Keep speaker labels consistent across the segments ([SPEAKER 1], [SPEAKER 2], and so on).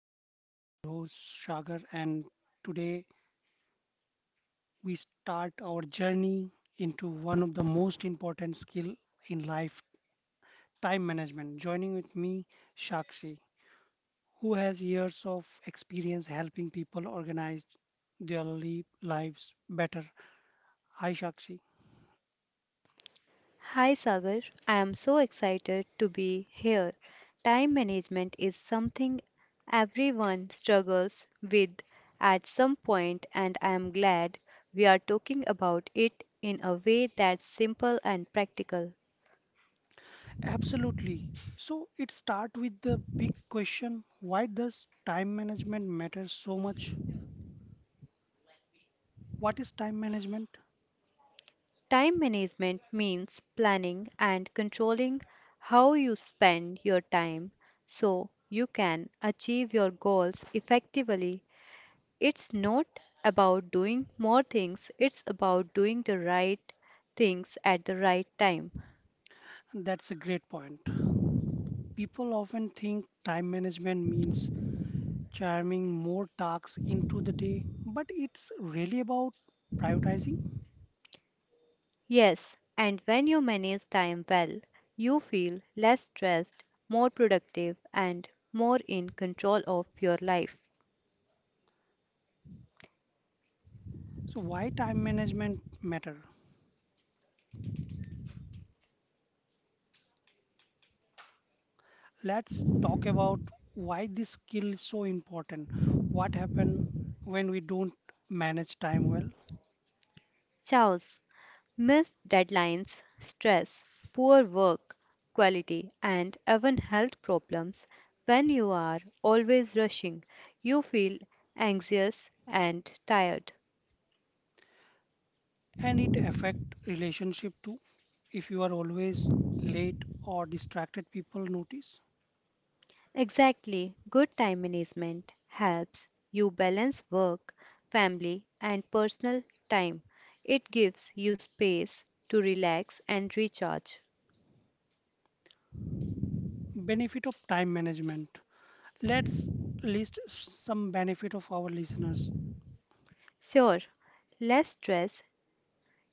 [SPEAKER 1] Management. I'm your host Shagar, and today we start our journey into one of the most important skill in life, time management. Joining with me Shakshi, who has years of experience helping people organize their lives better. Hi Shakshi.
[SPEAKER 2] Hi Sagar, I am so excited to be here. Time management is something everyone struggles with at some point, and I am glad we are talking about it in a way that's simple and practical.
[SPEAKER 1] Absolutely. So it start with the big question, why does time management matter so much? What is time management?
[SPEAKER 2] Time management means planning and controlling how you spend your time so you can achieve your goals effectively. It's not about doing more things, it's about doing the right things at the right time.
[SPEAKER 1] That's a great point. People often think time management means cramming more tasks into the day, but it's really about prioritizing.
[SPEAKER 2] Yes, and when you manage time well, you feel less stressed, more productive, and more in control of your life.
[SPEAKER 1] So why time management matter? Let's talk about why this skill is so important. What happen when we don't manage time well?
[SPEAKER 2] Chaos, missed deadlines, stress, poor work quality, and even health problems. When you are always rushing, you feel anxious and tired.
[SPEAKER 1] And it affect relationship too. If you are always late or distracted, people notice.
[SPEAKER 2] Exactly. Good time management helps you balance work, family, and personal time. It gives you space to relax and recharge.
[SPEAKER 1] Benefit of time management. Let's list some benefit of our listeners.
[SPEAKER 2] Sure, less stress.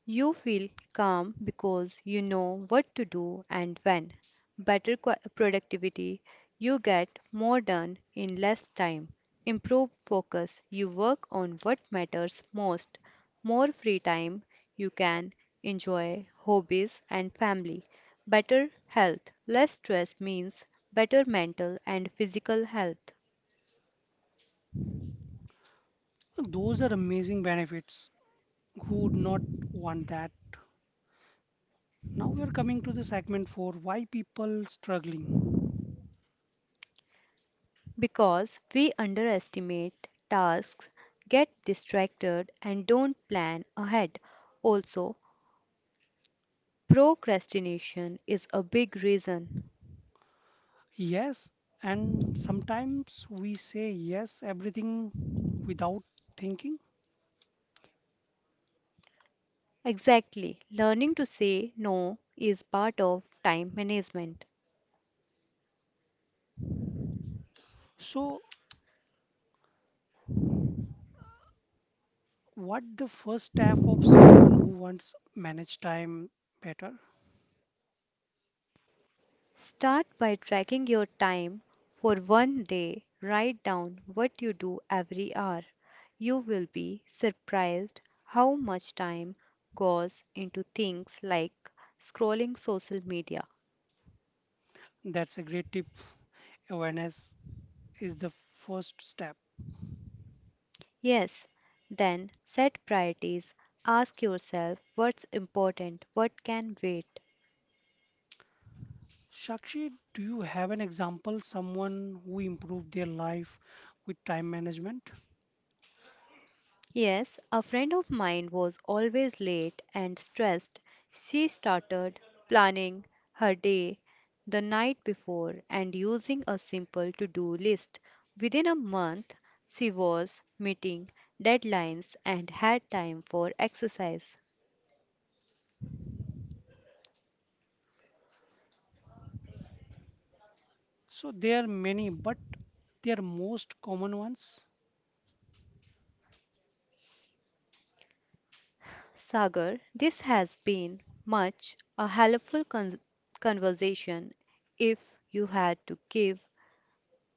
[SPEAKER 2] You feel calm because you know what to do and when. Better productivity, you get more done in less time. Improved focus, you work on what matters most. More free time, you can enjoy hobbies and family. Better health, less stress means better mental and physical health.
[SPEAKER 1] Those are amazing benefits. Who would not want that? Now we are coming to the segment for why people struggling.
[SPEAKER 2] Because we underestimate tasks, get distracted, and don't plan ahead. Also, procrastination is a big reason.
[SPEAKER 1] Yes, and sometimes we say yes everything without thinking.
[SPEAKER 2] Exactly, learning to say no is part of time management.
[SPEAKER 1] So what the first step of someone who wants manage time better?
[SPEAKER 2] Start by tracking your time for one day. Write down what you do every hour. You will be surprised how much time goes into things like scrolling social media.
[SPEAKER 1] That's a great tip. Awareness is the first step.
[SPEAKER 2] Yes, then set priorities. Ask yourself what's important, what can wait.
[SPEAKER 1] Shakshi, do you have an example, someone who improved their life with time management?
[SPEAKER 2] Yes, a friend of mine was always late and stressed. She started planning her day the night before and using a simple to do list. Within a month, she was meeting deadlines and had time for exercise.
[SPEAKER 1] So there are many, but they are most common ones.
[SPEAKER 2] Sagar, this has been much a helpful conversation. If you had to give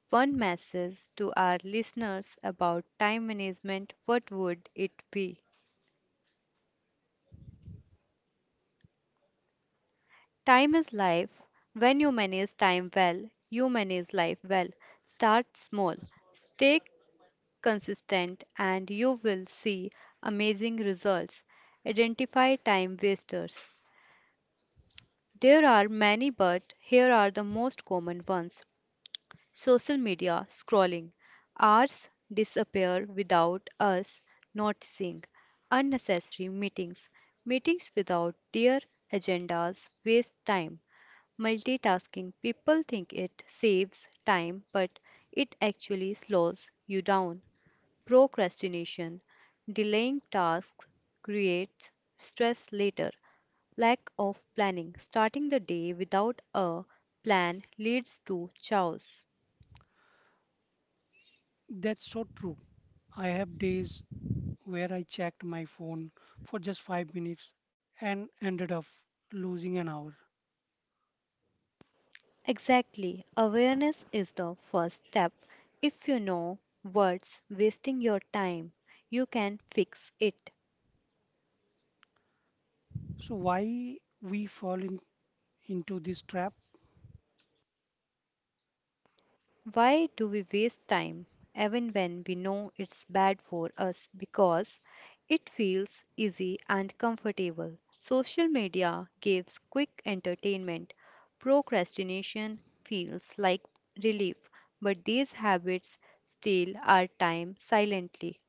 [SPEAKER 2] one message to our listeners about time management, what would it be? Time is life. When you manage time well, you manage life well. Start small, stay consistent, and you will see amazing results. Identify time wasters. There are many, but here are the most common ones. Social media scrolling. Hours disappear without us noticing. Unnecessary meetings. Meetings without clear agendas waste time. Multitasking. People think it saves time, but it actually slows you down. Procrastination. Delaying tasks creates stress later. Lack of planning. Starting the day without a plan leads to chaos.
[SPEAKER 1] That's so true. I have days where I checked my phone for just 5 minutes and ended up losing an hour.
[SPEAKER 2] Exactly. Awareness is the first step. If you know what's wasting your time, you can fix it.
[SPEAKER 1] So why we fall in, into this trap?
[SPEAKER 2] Why do we waste time even when we know it's bad for us? Because it feels easy and comfortable. Social media gives quick entertainment. Procrastination feels like relief, but these habits steal our time silently.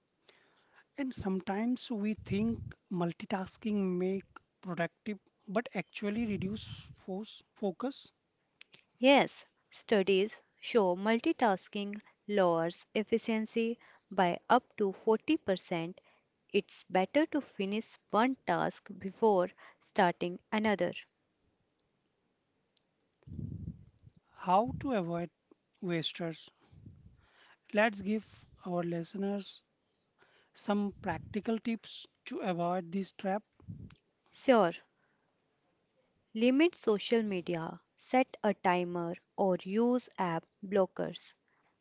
[SPEAKER 1] And sometimes we think multitasking make productive, but actually reduce force focus.
[SPEAKER 2] Yes, studies show multitasking lowers efficiency by up to 40%. It's better to finish one task before starting another.
[SPEAKER 1] How to avoid wasters. Let's give our listeners some practical tips to avoid this trap.
[SPEAKER 2] Sure, limit social media, set a timer, or use app blockers.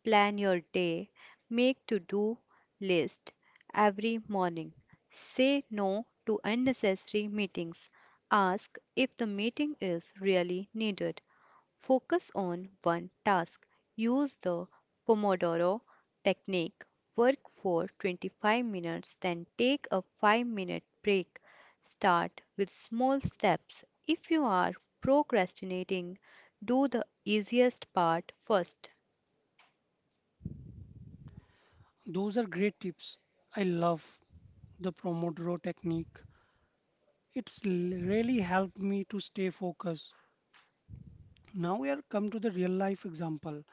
[SPEAKER 2] Plan your day, make to do list every morning. Say no to unnecessary meetings. Ask if the meeting is really needed. Focus on one task. Use the Pomodoro technique. Work for 25 minutes, then take a 5-minute break. Start with small steps. If you are procrastinating, do the easiest part first.
[SPEAKER 1] Those are great tips. I love the Pomodoro technique. It's really helped me to stay focused. Now we are come to the real life example.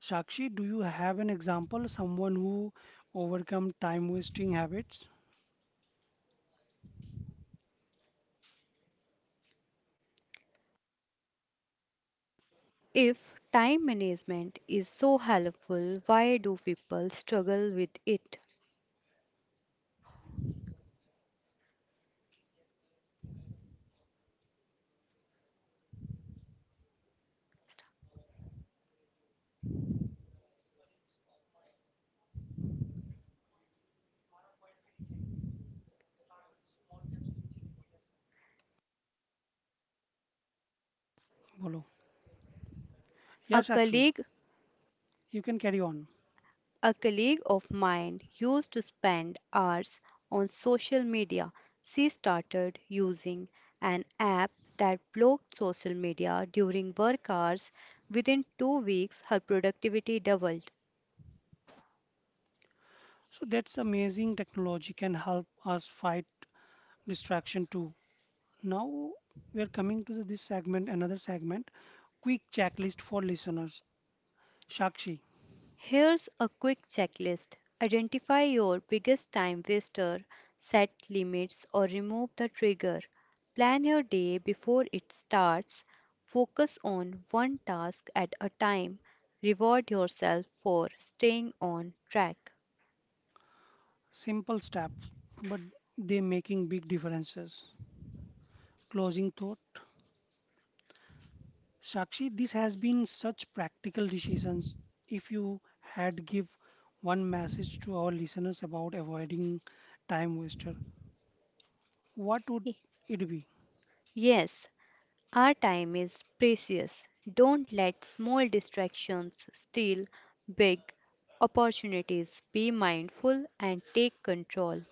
[SPEAKER 1] Shakshi, do you have an example, someone who overcome time wasting habits?
[SPEAKER 2] If time management is so helpful, why do people struggle with it?
[SPEAKER 1] Bolo.
[SPEAKER 2] A
[SPEAKER 1] Yeah, Shakshi,
[SPEAKER 2] colleague
[SPEAKER 1] you can carry on.
[SPEAKER 2] A colleague of mine used to spend hours on social media. She started using an app that blocked social media during work hours. Within 2 weeks, her productivity doubled.
[SPEAKER 1] So that's amazing technology can help us fight distraction too. Now we are coming to this segment, another segment, quick checklist for listeners. Shakshi,
[SPEAKER 2] Here's a quick checklist. Identify your biggest time waster, set limits or remove the trigger, plan your day before it starts, focus on one task at a time, reward yourself for staying on track.
[SPEAKER 1] simple steps, but they making big differences. Closing thought. Shakshi, this has been such practical decisions. If you had give one message to our listeners about avoiding time waster, what would
[SPEAKER 2] Y-
[SPEAKER 1] it be?
[SPEAKER 2] Yes, our time is precious. Don't let small distractions steal big opportunities. Be mindful and take control.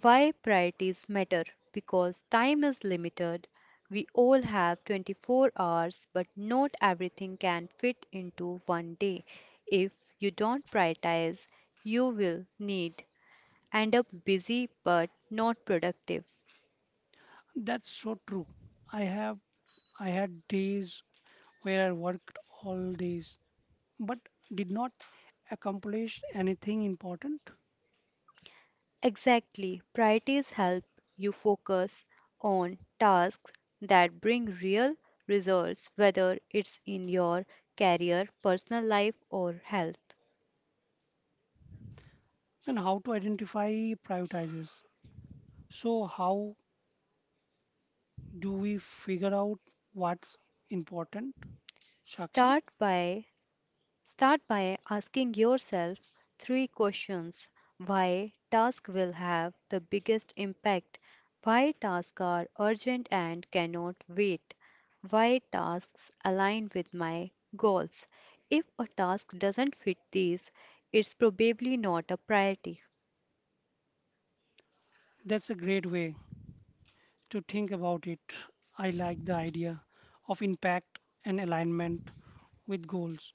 [SPEAKER 2] Why priorities matter? Because time is limited. We all have 24 hours, but not everything can fit into one day. If you don't prioritize, you will need end up busy but not productive.
[SPEAKER 1] That's so true. I have I had days where I worked all days but did not accomplish anything important.
[SPEAKER 2] Exactly. Priorities help you focus on tasks that bring real results, whether it's in your career, personal life, or health.
[SPEAKER 1] Then how to identify prioritizes? So how do we figure out what's important, Shakshi?
[SPEAKER 2] Start by Start by asking yourself three questions. Why tasks will have the biggest impact? Why tasks are urgent and cannot wait? Why tasks align with my goals? If a task doesn't fit these, it's probably not a priority.
[SPEAKER 1] That's a great way to think about it. I like the idea of impact and alignment with goals.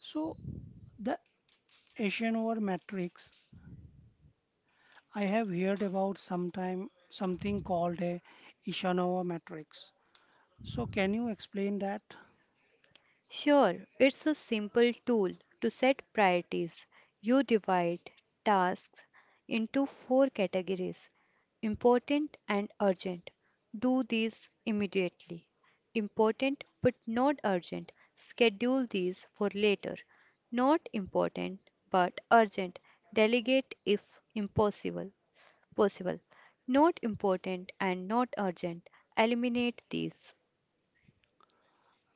[SPEAKER 1] So the Eisenhower matrix, I have heard about sometime something called a Eisenhower matrix. So can you explain that?
[SPEAKER 2] Sure, it's a simple tool to set priorities. You divide tasks into four categories. Important and urgent. Do these immediately. Important but not urgent. Schedule these for later. Not important but urgent. Delegate if impossible. Possible. Not important and not urgent. Eliminate these.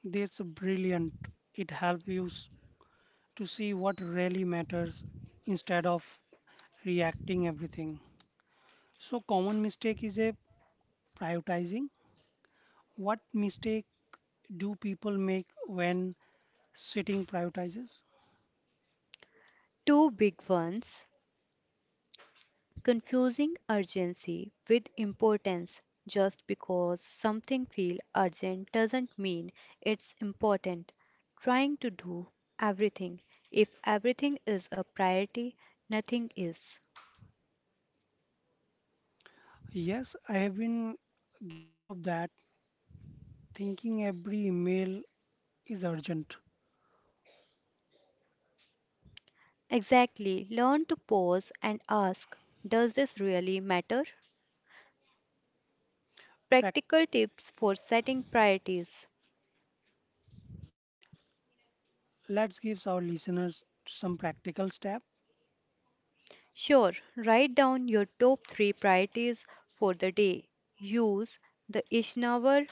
[SPEAKER 1] That's brilliant. It helps you to see what really matters instead of reacting everything. So common mistake is a prioritizing. What mistake do people make when sitting prioritizes?
[SPEAKER 2] Two big ones: confusing urgency with importance, just because something feels urgent doesn't mean it's important; trying to do everything, if everything is a priority nothing is.
[SPEAKER 1] Yes, I have been guilty of that, thinking every email is urgent.
[SPEAKER 2] Exactly, learn to pause and ask, does this really matter?
[SPEAKER 1] Prac-
[SPEAKER 2] Practical tips for setting priorities.
[SPEAKER 1] Let's give our listeners some practical step,
[SPEAKER 2] Sure, write down your top three priorities for the day. Use the Eisenhower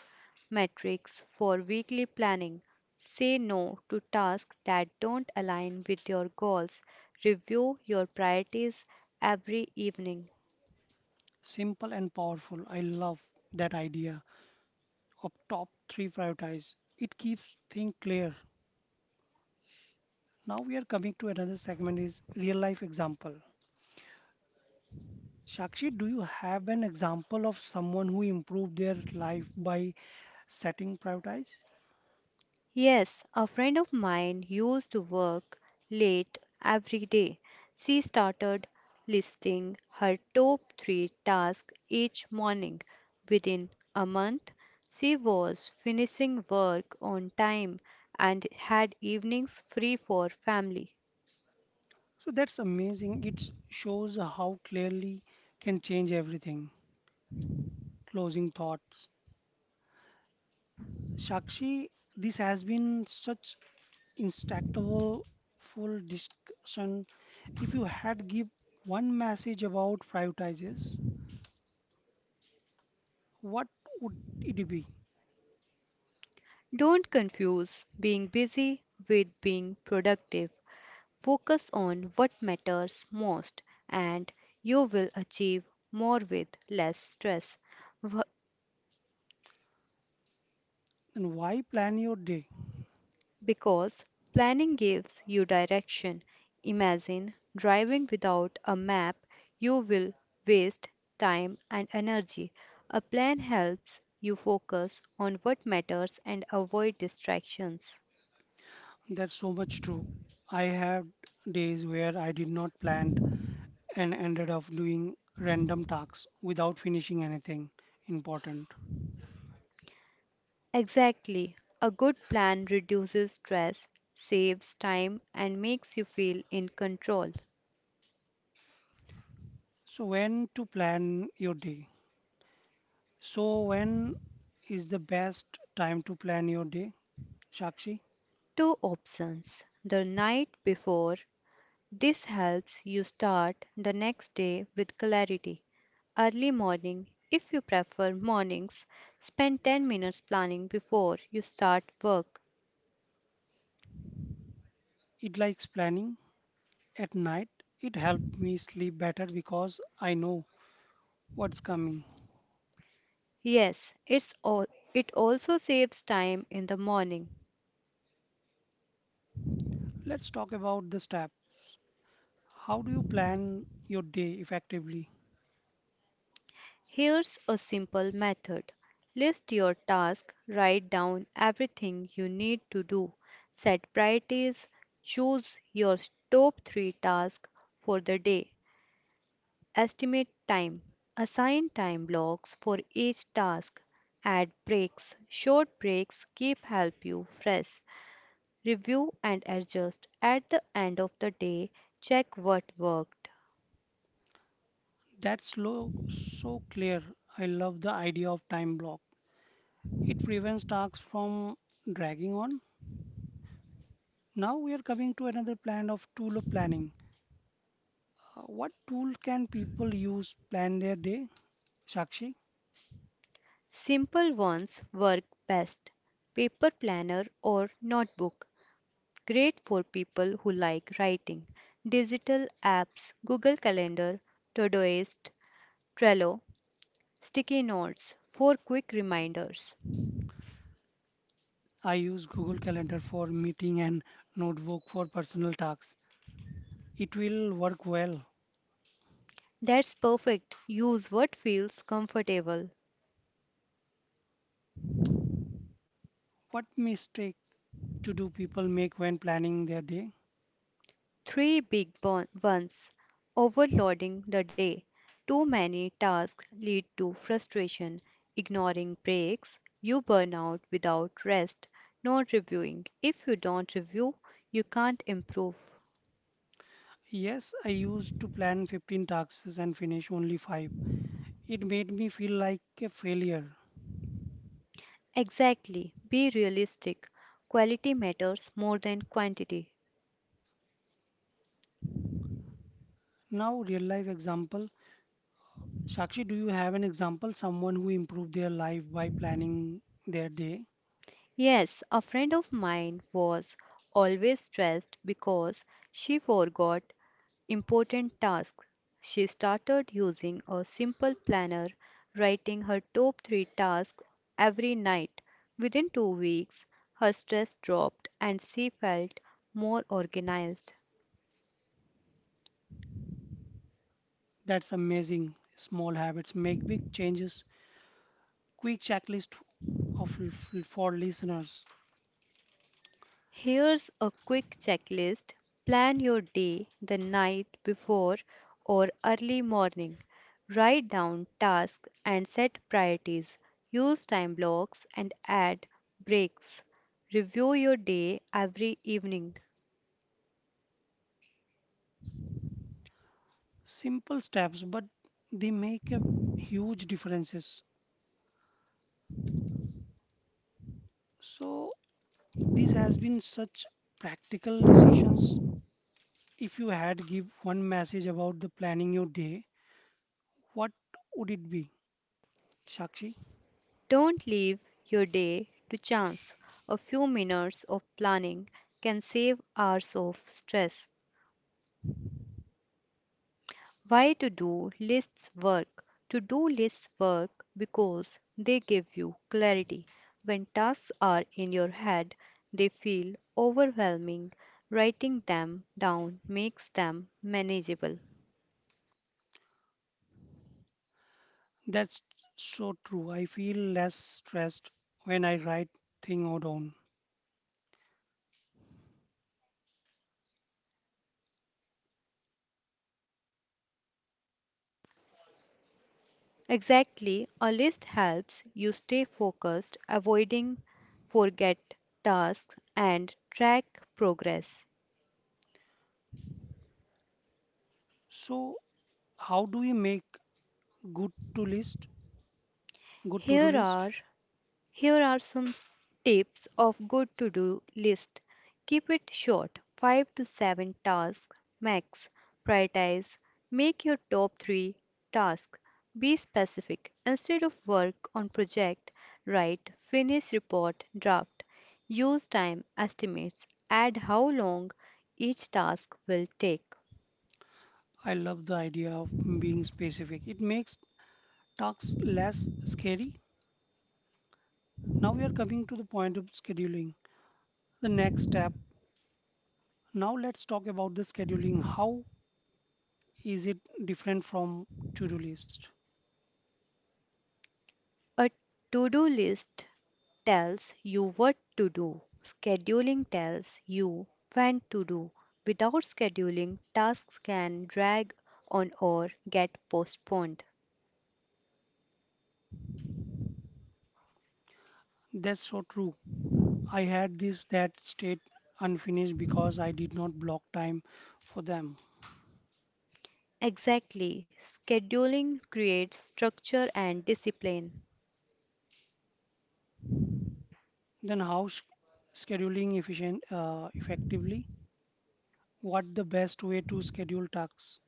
[SPEAKER 2] matrix for weekly planning. Say no to tasks that don't align with your goals. Review your priorities every evening.
[SPEAKER 1] simple and powerful. I love that idea of top three prioritize. It keeps things clear. Now we are coming to another segment is real life example. Shakshi, do you have an example of someone who improved their life by setting prioritize?
[SPEAKER 2] Yes, a friend of mine used to work late every day. She started listing her top three tasks each morning. Within a month, she was finishing work on time and had evenings free for family.
[SPEAKER 1] So that's amazing. It shows how clearly can change everything. Closing thoughts. Shakshi, this has been such instructable full discussion. If you had give one message about prioritizes, what would it be?
[SPEAKER 2] Don't confuse being busy with being productive. Focus on what matters most, and you will achieve more with less stress. Wo-
[SPEAKER 1] And why plan your day?
[SPEAKER 2] Because planning gives you direction. Imagine driving without a map, you will waste time and energy. A plan helps you focus on what matters and avoid distractions.
[SPEAKER 1] That's so much true. I had days where I did not plan and ended up doing random tasks without finishing anything important.
[SPEAKER 2] Exactly. A good plan reduces stress, saves time, and makes you feel in control.
[SPEAKER 1] So, when to plan your day? So, when is the best time to plan your day, Shakshi?
[SPEAKER 2] Two options. The night before. This helps you start the next day with clarity. Early morning if you prefer mornings. Spend 10 minutes planning before you start work.
[SPEAKER 1] It likes planning at night. It helped me sleep better because I know what's coming.
[SPEAKER 2] Yes, it also saves time in the morning.
[SPEAKER 1] Let's talk about the step. How do you plan your day effectively?
[SPEAKER 2] Here's a simple method. List your task, write down everything you need to do, set priorities, choose your top 3 tasks for the day, estimate time. Assign time blocks for each task. Add breaks. Short breaks keep help you fresh. Review and adjust. At the end of the day, check what worked.
[SPEAKER 1] That's so clear. I love the idea of time block. It prevents tasks from dragging on. Now we are coming to another plan of tool of planning. What tool can people use plan their day? Shakshi,
[SPEAKER 2] Simple ones work best. Paper planner or notebook. Great for people who like writing. Digital apps, Google Calendar, Todoist, Trello, sticky notes for quick reminders.
[SPEAKER 1] I use Google Calendar for meeting and notebook for personal tasks. It will work well.
[SPEAKER 2] That's perfect. Use what feels comfortable.
[SPEAKER 1] What mistake to do people make when planning their day?
[SPEAKER 2] Three big ones. Overloading the day. Too many tasks lead to frustration. Ignoring breaks. You burn out without rest. Not reviewing. If you don't review, you can't improve.
[SPEAKER 1] Yes, I used to plan 15 tasks and finish only 5. It made me feel like a failure.
[SPEAKER 2] Exactly. Be realistic. Quality matters more than quantity.
[SPEAKER 1] Now, real life example. Shakshi, do you have an example? Someone who improved their life by planning their day?
[SPEAKER 2] Yes, a friend of mine was always stressed because she forgot important tasks. She started using a simple planner, writing her top three tasks every night. Within 2 weeks, her stress dropped and she felt more organized.
[SPEAKER 1] That's amazing. Small habits make big changes. Quick checklist of for listeners.
[SPEAKER 2] Here's a quick checklist. Plan your day the night before or early morning. Write down tasks and set priorities. Use time blocks and add breaks. Review your day every evening.
[SPEAKER 1] Simple steps, but they make a huge differences. So this has been such practical decisions. If you had give one message about the planning your day, what would it be, Shakshi?
[SPEAKER 2] Don't leave your day to chance. A few minutes of planning can save hours of stress. Why to do lists work? To do lists work because they give you clarity. When tasks are in your head, they feel overwhelming. Writing them down makes them manageable.
[SPEAKER 1] That's so true. I feel less stressed when I write thing out down.
[SPEAKER 2] Exactly, a list helps you stay focused, avoiding forget tasks and track progress.
[SPEAKER 1] So how do we make good to list, good to-do
[SPEAKER 2] Here
[SPEAKER 1] list?
[SPEAKER 2] are Here are some tips of good to-do list. Keep it short, 5 to 7 tasks max. Prioritize. Make your top 3 tasks. Be specific. Instead of work on project, write finish report draft. Use time estimates. Add how long each task will take.
[SPEAKER 1] I love the idea of being specific. It makes tasks less scary. Now we are coming to the point of scheduling. The next step. Now let's talk about the scheduling. How is it different from to-do list?
[SPEAKER 2] A to-do list tells you what to do. Scheduling tells you when to do. Without scheduling, tasks can drag on or get postponed.
[SPEAKER 1] That's so true. I had this that state unfinished because I did not block time for them.
[SPEAKER 2] Exactly. Scheduling creates structure and discipline.
[SPEAKER 1] Then how s- scheduling efficient effectively? What the best way to schedule tasks?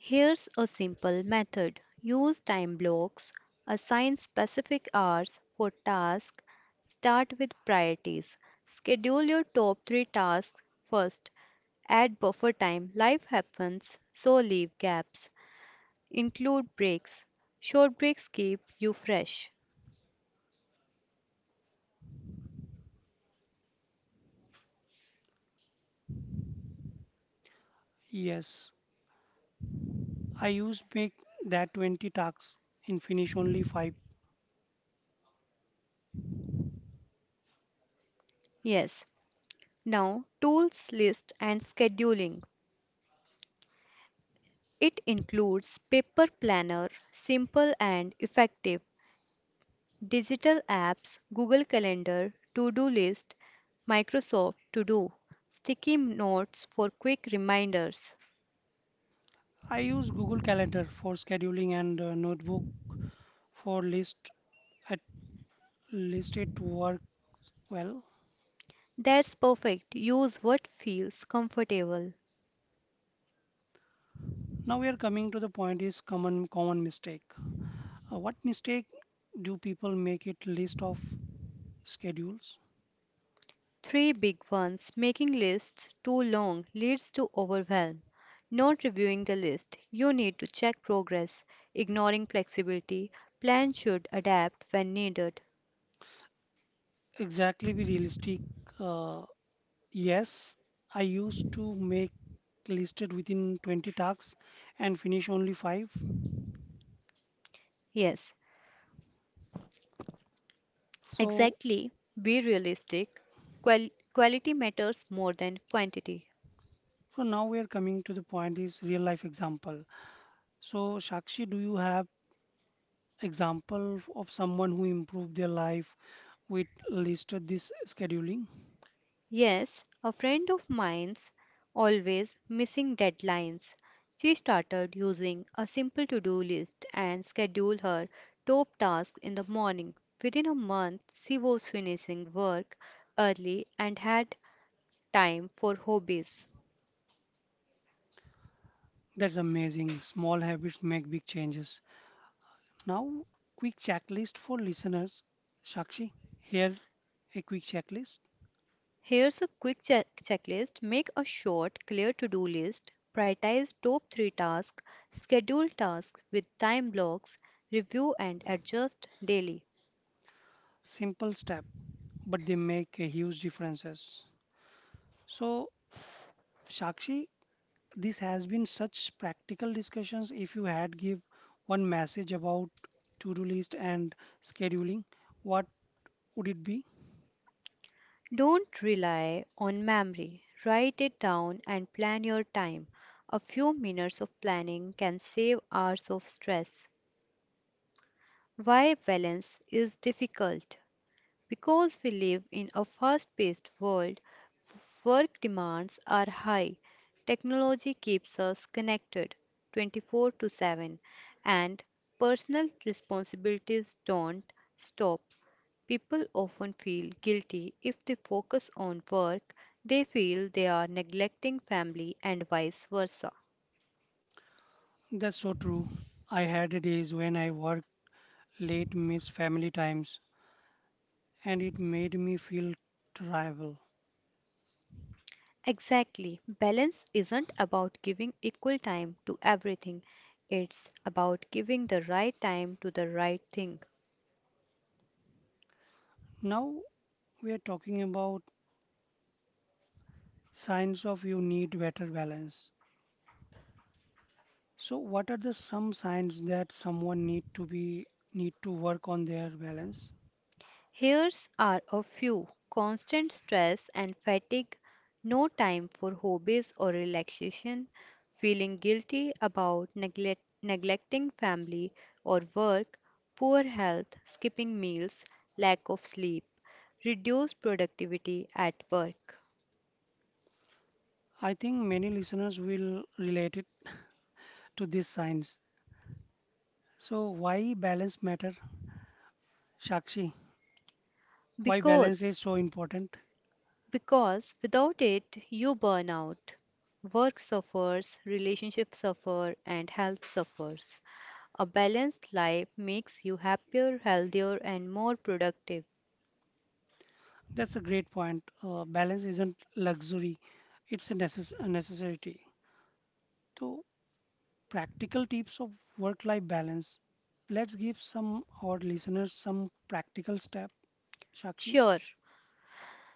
[SPEAKER 2] Here's a simple method. Use time blocks. Assign specific hours for tasks. Start with priorities. Schedule your top three tasks first. Add buffer time. Life happens, so leave gaps. Include breaks. Short breaks keep you fresh.
[SPEAKER 1] Yes, I use make that 20 tasks and finish only 5.
[SPEAKER 2] Yes. Now, tools list and scheduling. It includes paper planner, simple and effective, digital apps, Google Calendar, to-do list, Microsoft To-do, sticky notes for quick reminders.
[SPEAKER 1] I use Google Calendar for scheduling and notebook for list at list it work well.
[SPEAKER 2] That's perfect. Use what feels comfortable.
[SPEAKER 1] Now we are coming to the point is common mistake. What mistake do people make it list of schedules?
[SPEAKER 2] Three big ones. Making lists too long leads to overwhelm. Not reviewing the list. You need to check progress. Ignoring flexibility. Plan should adapt when needed.
[SPEAKER 1] Exactly be realistic. Uh, yes, I used to make listed within 20 tasks and finish only five.
[SPEAKER 2] Yes,
[SPEAKER 1] So,
[SPEAKER 2] exactly. Be realistic. Quality matters more than quantity.
[SPEAKER 1] so now we are coming to the point is real life example. So, Shakshi, do you have example of someone who improved their life with listed this scheduling?
[SPEAKER 2] Yes, a friend of mine's always missing deadlines. She started using a simple to do list and schedule her top tasks in the morning. Within a month, she was finishing work early and had time for hobbies.
[SPEAKER 1] That's amazing. Small habits make big changes. Now, quick checklist for listeners. Shakshi, here a quick checklist.
[SPEAKER 2] Here's a quick checklist. Make a short, clear to do list, prioritize top three tasks, schedule tasks with time blocks, review and adjust daily.
[SPEAKER 1] Simple step, but they make a huge differences. So, Shakshi, this has been such practical discussions. If you had give one message about to-do list and scheduling, what would it be?
[SPEAKER 2] Don't rely on memory. Write it down and plan your time. A few minutes of planning can save hours of stress. Why balance is difficult? Because we live in a fast paced world, work demands are high. Technology keeps us connected 24 to 7, and personal responsibilities don't stop. People often feel guilty if they focus on work, they feel they are neglecting family and vice versa.
[SPEAKER 1] That's so true. I had days when I worked late, miss family times, and it made me feel terrible.
[SPEAKER 2] Exactly. Balance isn't about giving equal time to everything, it's about giving the right time to the right thing.
[SPEAKER 1] Now we are talking about signs of you need better balance. So what are the some signs that someone need to be need to work on their balance?
[SPEAKER 2] Here's are a few: constant stress and fatigue, no time for hobbies or relaxation, feeling guilty about neglecting family or work, poor health, skipping meals, lack of sleep, reduced productivity at work.
[SPEAKER 1] I think many listeners will relate it to these signs. So why balance matter, Shakshi? Why balance
[SPEAKER 2] Because
[SPEAKER 1] is so important?
[SPEAKER 2] Because without it, you burn out. Work suffers, relationships suffer, and health suffers. A balanced life makes you happier, healthier, and more productive.
[SPEAKER 1] That's a great point. Balance isn't luxury; it's a necessity. So practical tips of work-life balance. Let's give some our listeners some practical step, Shakshi.
[SPEAKER 2] Sure,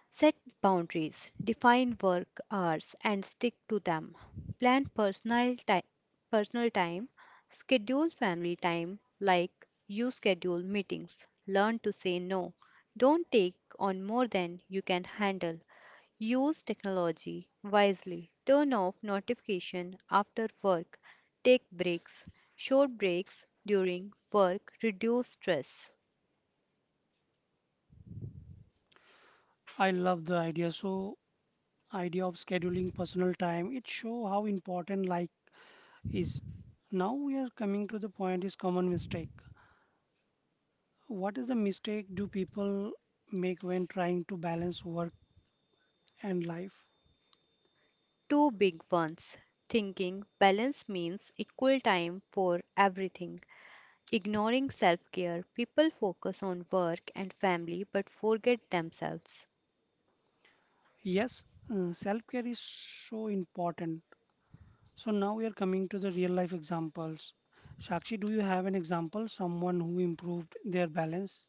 [SPEAKER 2] set boundaries, define work hours, and stick to them. Plan personal time, personal time, schedule family time like you schedule meetings. Learn to say no. Don't take on more than you can handle. Use technology wisely. Turn off notification after work. Take breaks. Short breaks during work reduce stress.
[SPEAKER 1] I love the idea. So idea of scheduling personal time. It show how important life is. Now we are coming to the point is common mistake. What is the mistake do people make when trying to balance work and life?
[SPEAKER 2] Two big ones. Thinking balance means equal time for everything. Ignoring self care. People focus on work and family but forget themselves.
[SPEAKER 1] Yes, self-care is so important. So now we are coming to the real life examples. Shakshi, do you have an example, someone who improved their balance?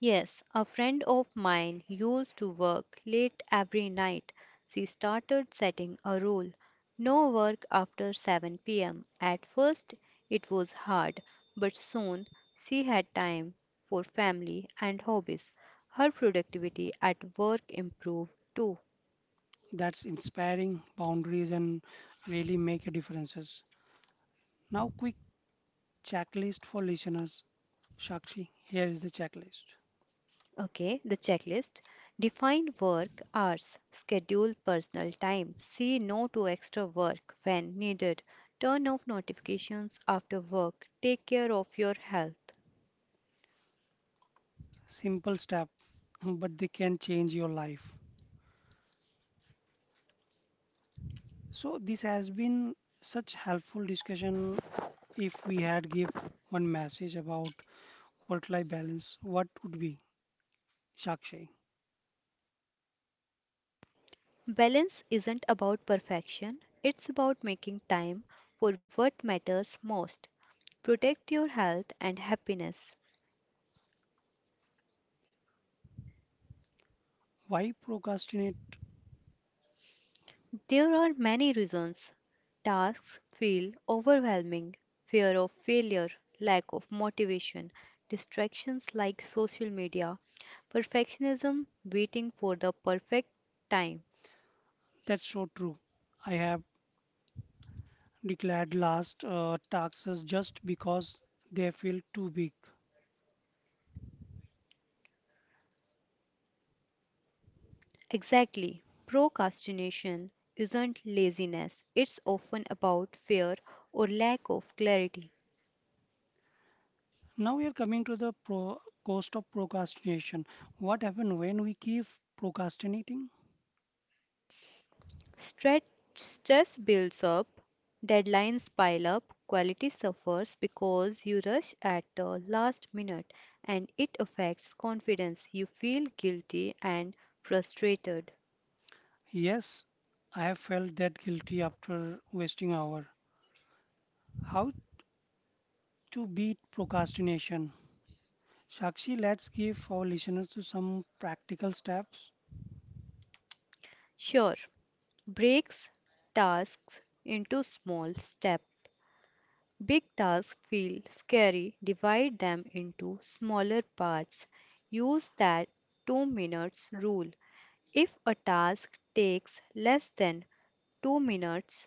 [SPEAKER 2] Yes, a friend of mine used to work late every night. She started setting a rule: no work after 7 pm. At first, it was hard, but soon she had time for family and hobbies. Her productivity at work improved too.
[SPEAKER 1] That's inspiring boundaries and really make a differences. Now quick checklist for listeners. Shakshi, here is the checklist.
[SPEAKER 2] Okay, the checklist. Define work hours, schedule personal time, say no to extra work when needed, turn off notifications after work, take care of your health.
[SPEAKER 1] Simple step, but they can change your life. So this has been such helpful discussion. If we had give one message about work-life balance, what would be, Sakshi?
[SPEAKER 2] Balance isn't about perfection, it's about making time for what matters most. Protect your health and happiness.
[SPEAKER 1] Why procrastinate?
[SPEAKER 2] There are many reasons. Tasks feel overwhelming, fear of failure, lack of motivation, distractions like social media, perfectionism, waiting for the perfect time.
[SPEAKER 1] That's so true. I have declared last taxes just because they feel too big.
[SPEAKER 2] Exactly. Procrastination isn't laziness, it's often about fear or lack of clarity.
[SPEAKER 1] Now we are coming to the pro cost of procrastination. What happens when we keep procrastinating?
[SPEAKER 2] Stretch Stress builds up, deadlines pile up, quality suffers because you rush at the last minute and it affects confidence. You feel guilty and frustrated.
[SPEAKER 1] Yes, I have felt that guilty after wasting hour. How to beat procrastination? Shakshi, let's give our listeners to some practical steps.
[SPEAKER 2] Sure, breaks tasks into small steps. Big tasks feel scary. Divide them into smaller parts. Use that 2 minutes rule. If a task takes less than 2 minutes,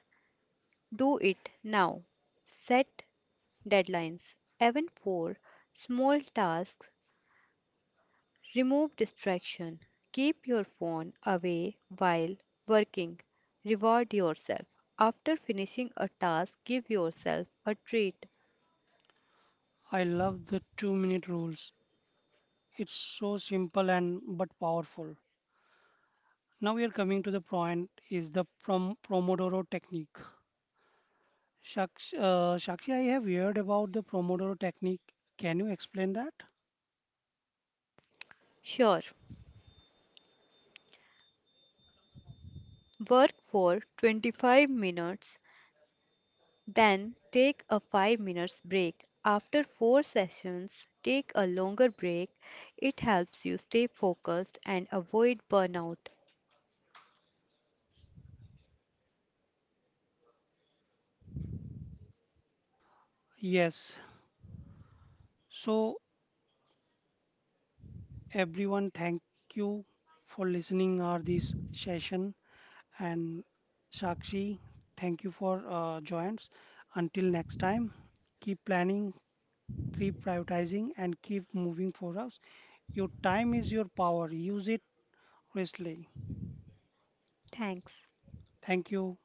[SPEAKER 2] do it now. Set deadlines, even for small tasks. Remove distraction. Keep your phone away while working. Reward yourself. After finishing a task, give yourself a treat.
[SPEAKER 1] I love the 2 minute rules. It's so simple and but powerful. Now we are coming to the point is the Pomodoro technique. Sakshi, I have heard about the Pomodoro technique. Can you explain that?
[SPEAKER 2] Sure, work for 25 minutes, then take a 5 minutes break. After 4 sessions, take a longer break. It helps you stay focused and avoid burnout.
[SPEAKER 1] Yes. So everyone, thank you for listening our this session, and Shakshi, thank you for joins. Until next time, keep planning, keep prioritizing, and keep moving for us. Your time is your power. Use it wisely.
[SPEAKER 2] Thanks.
[SPEAKER 1] Thank you.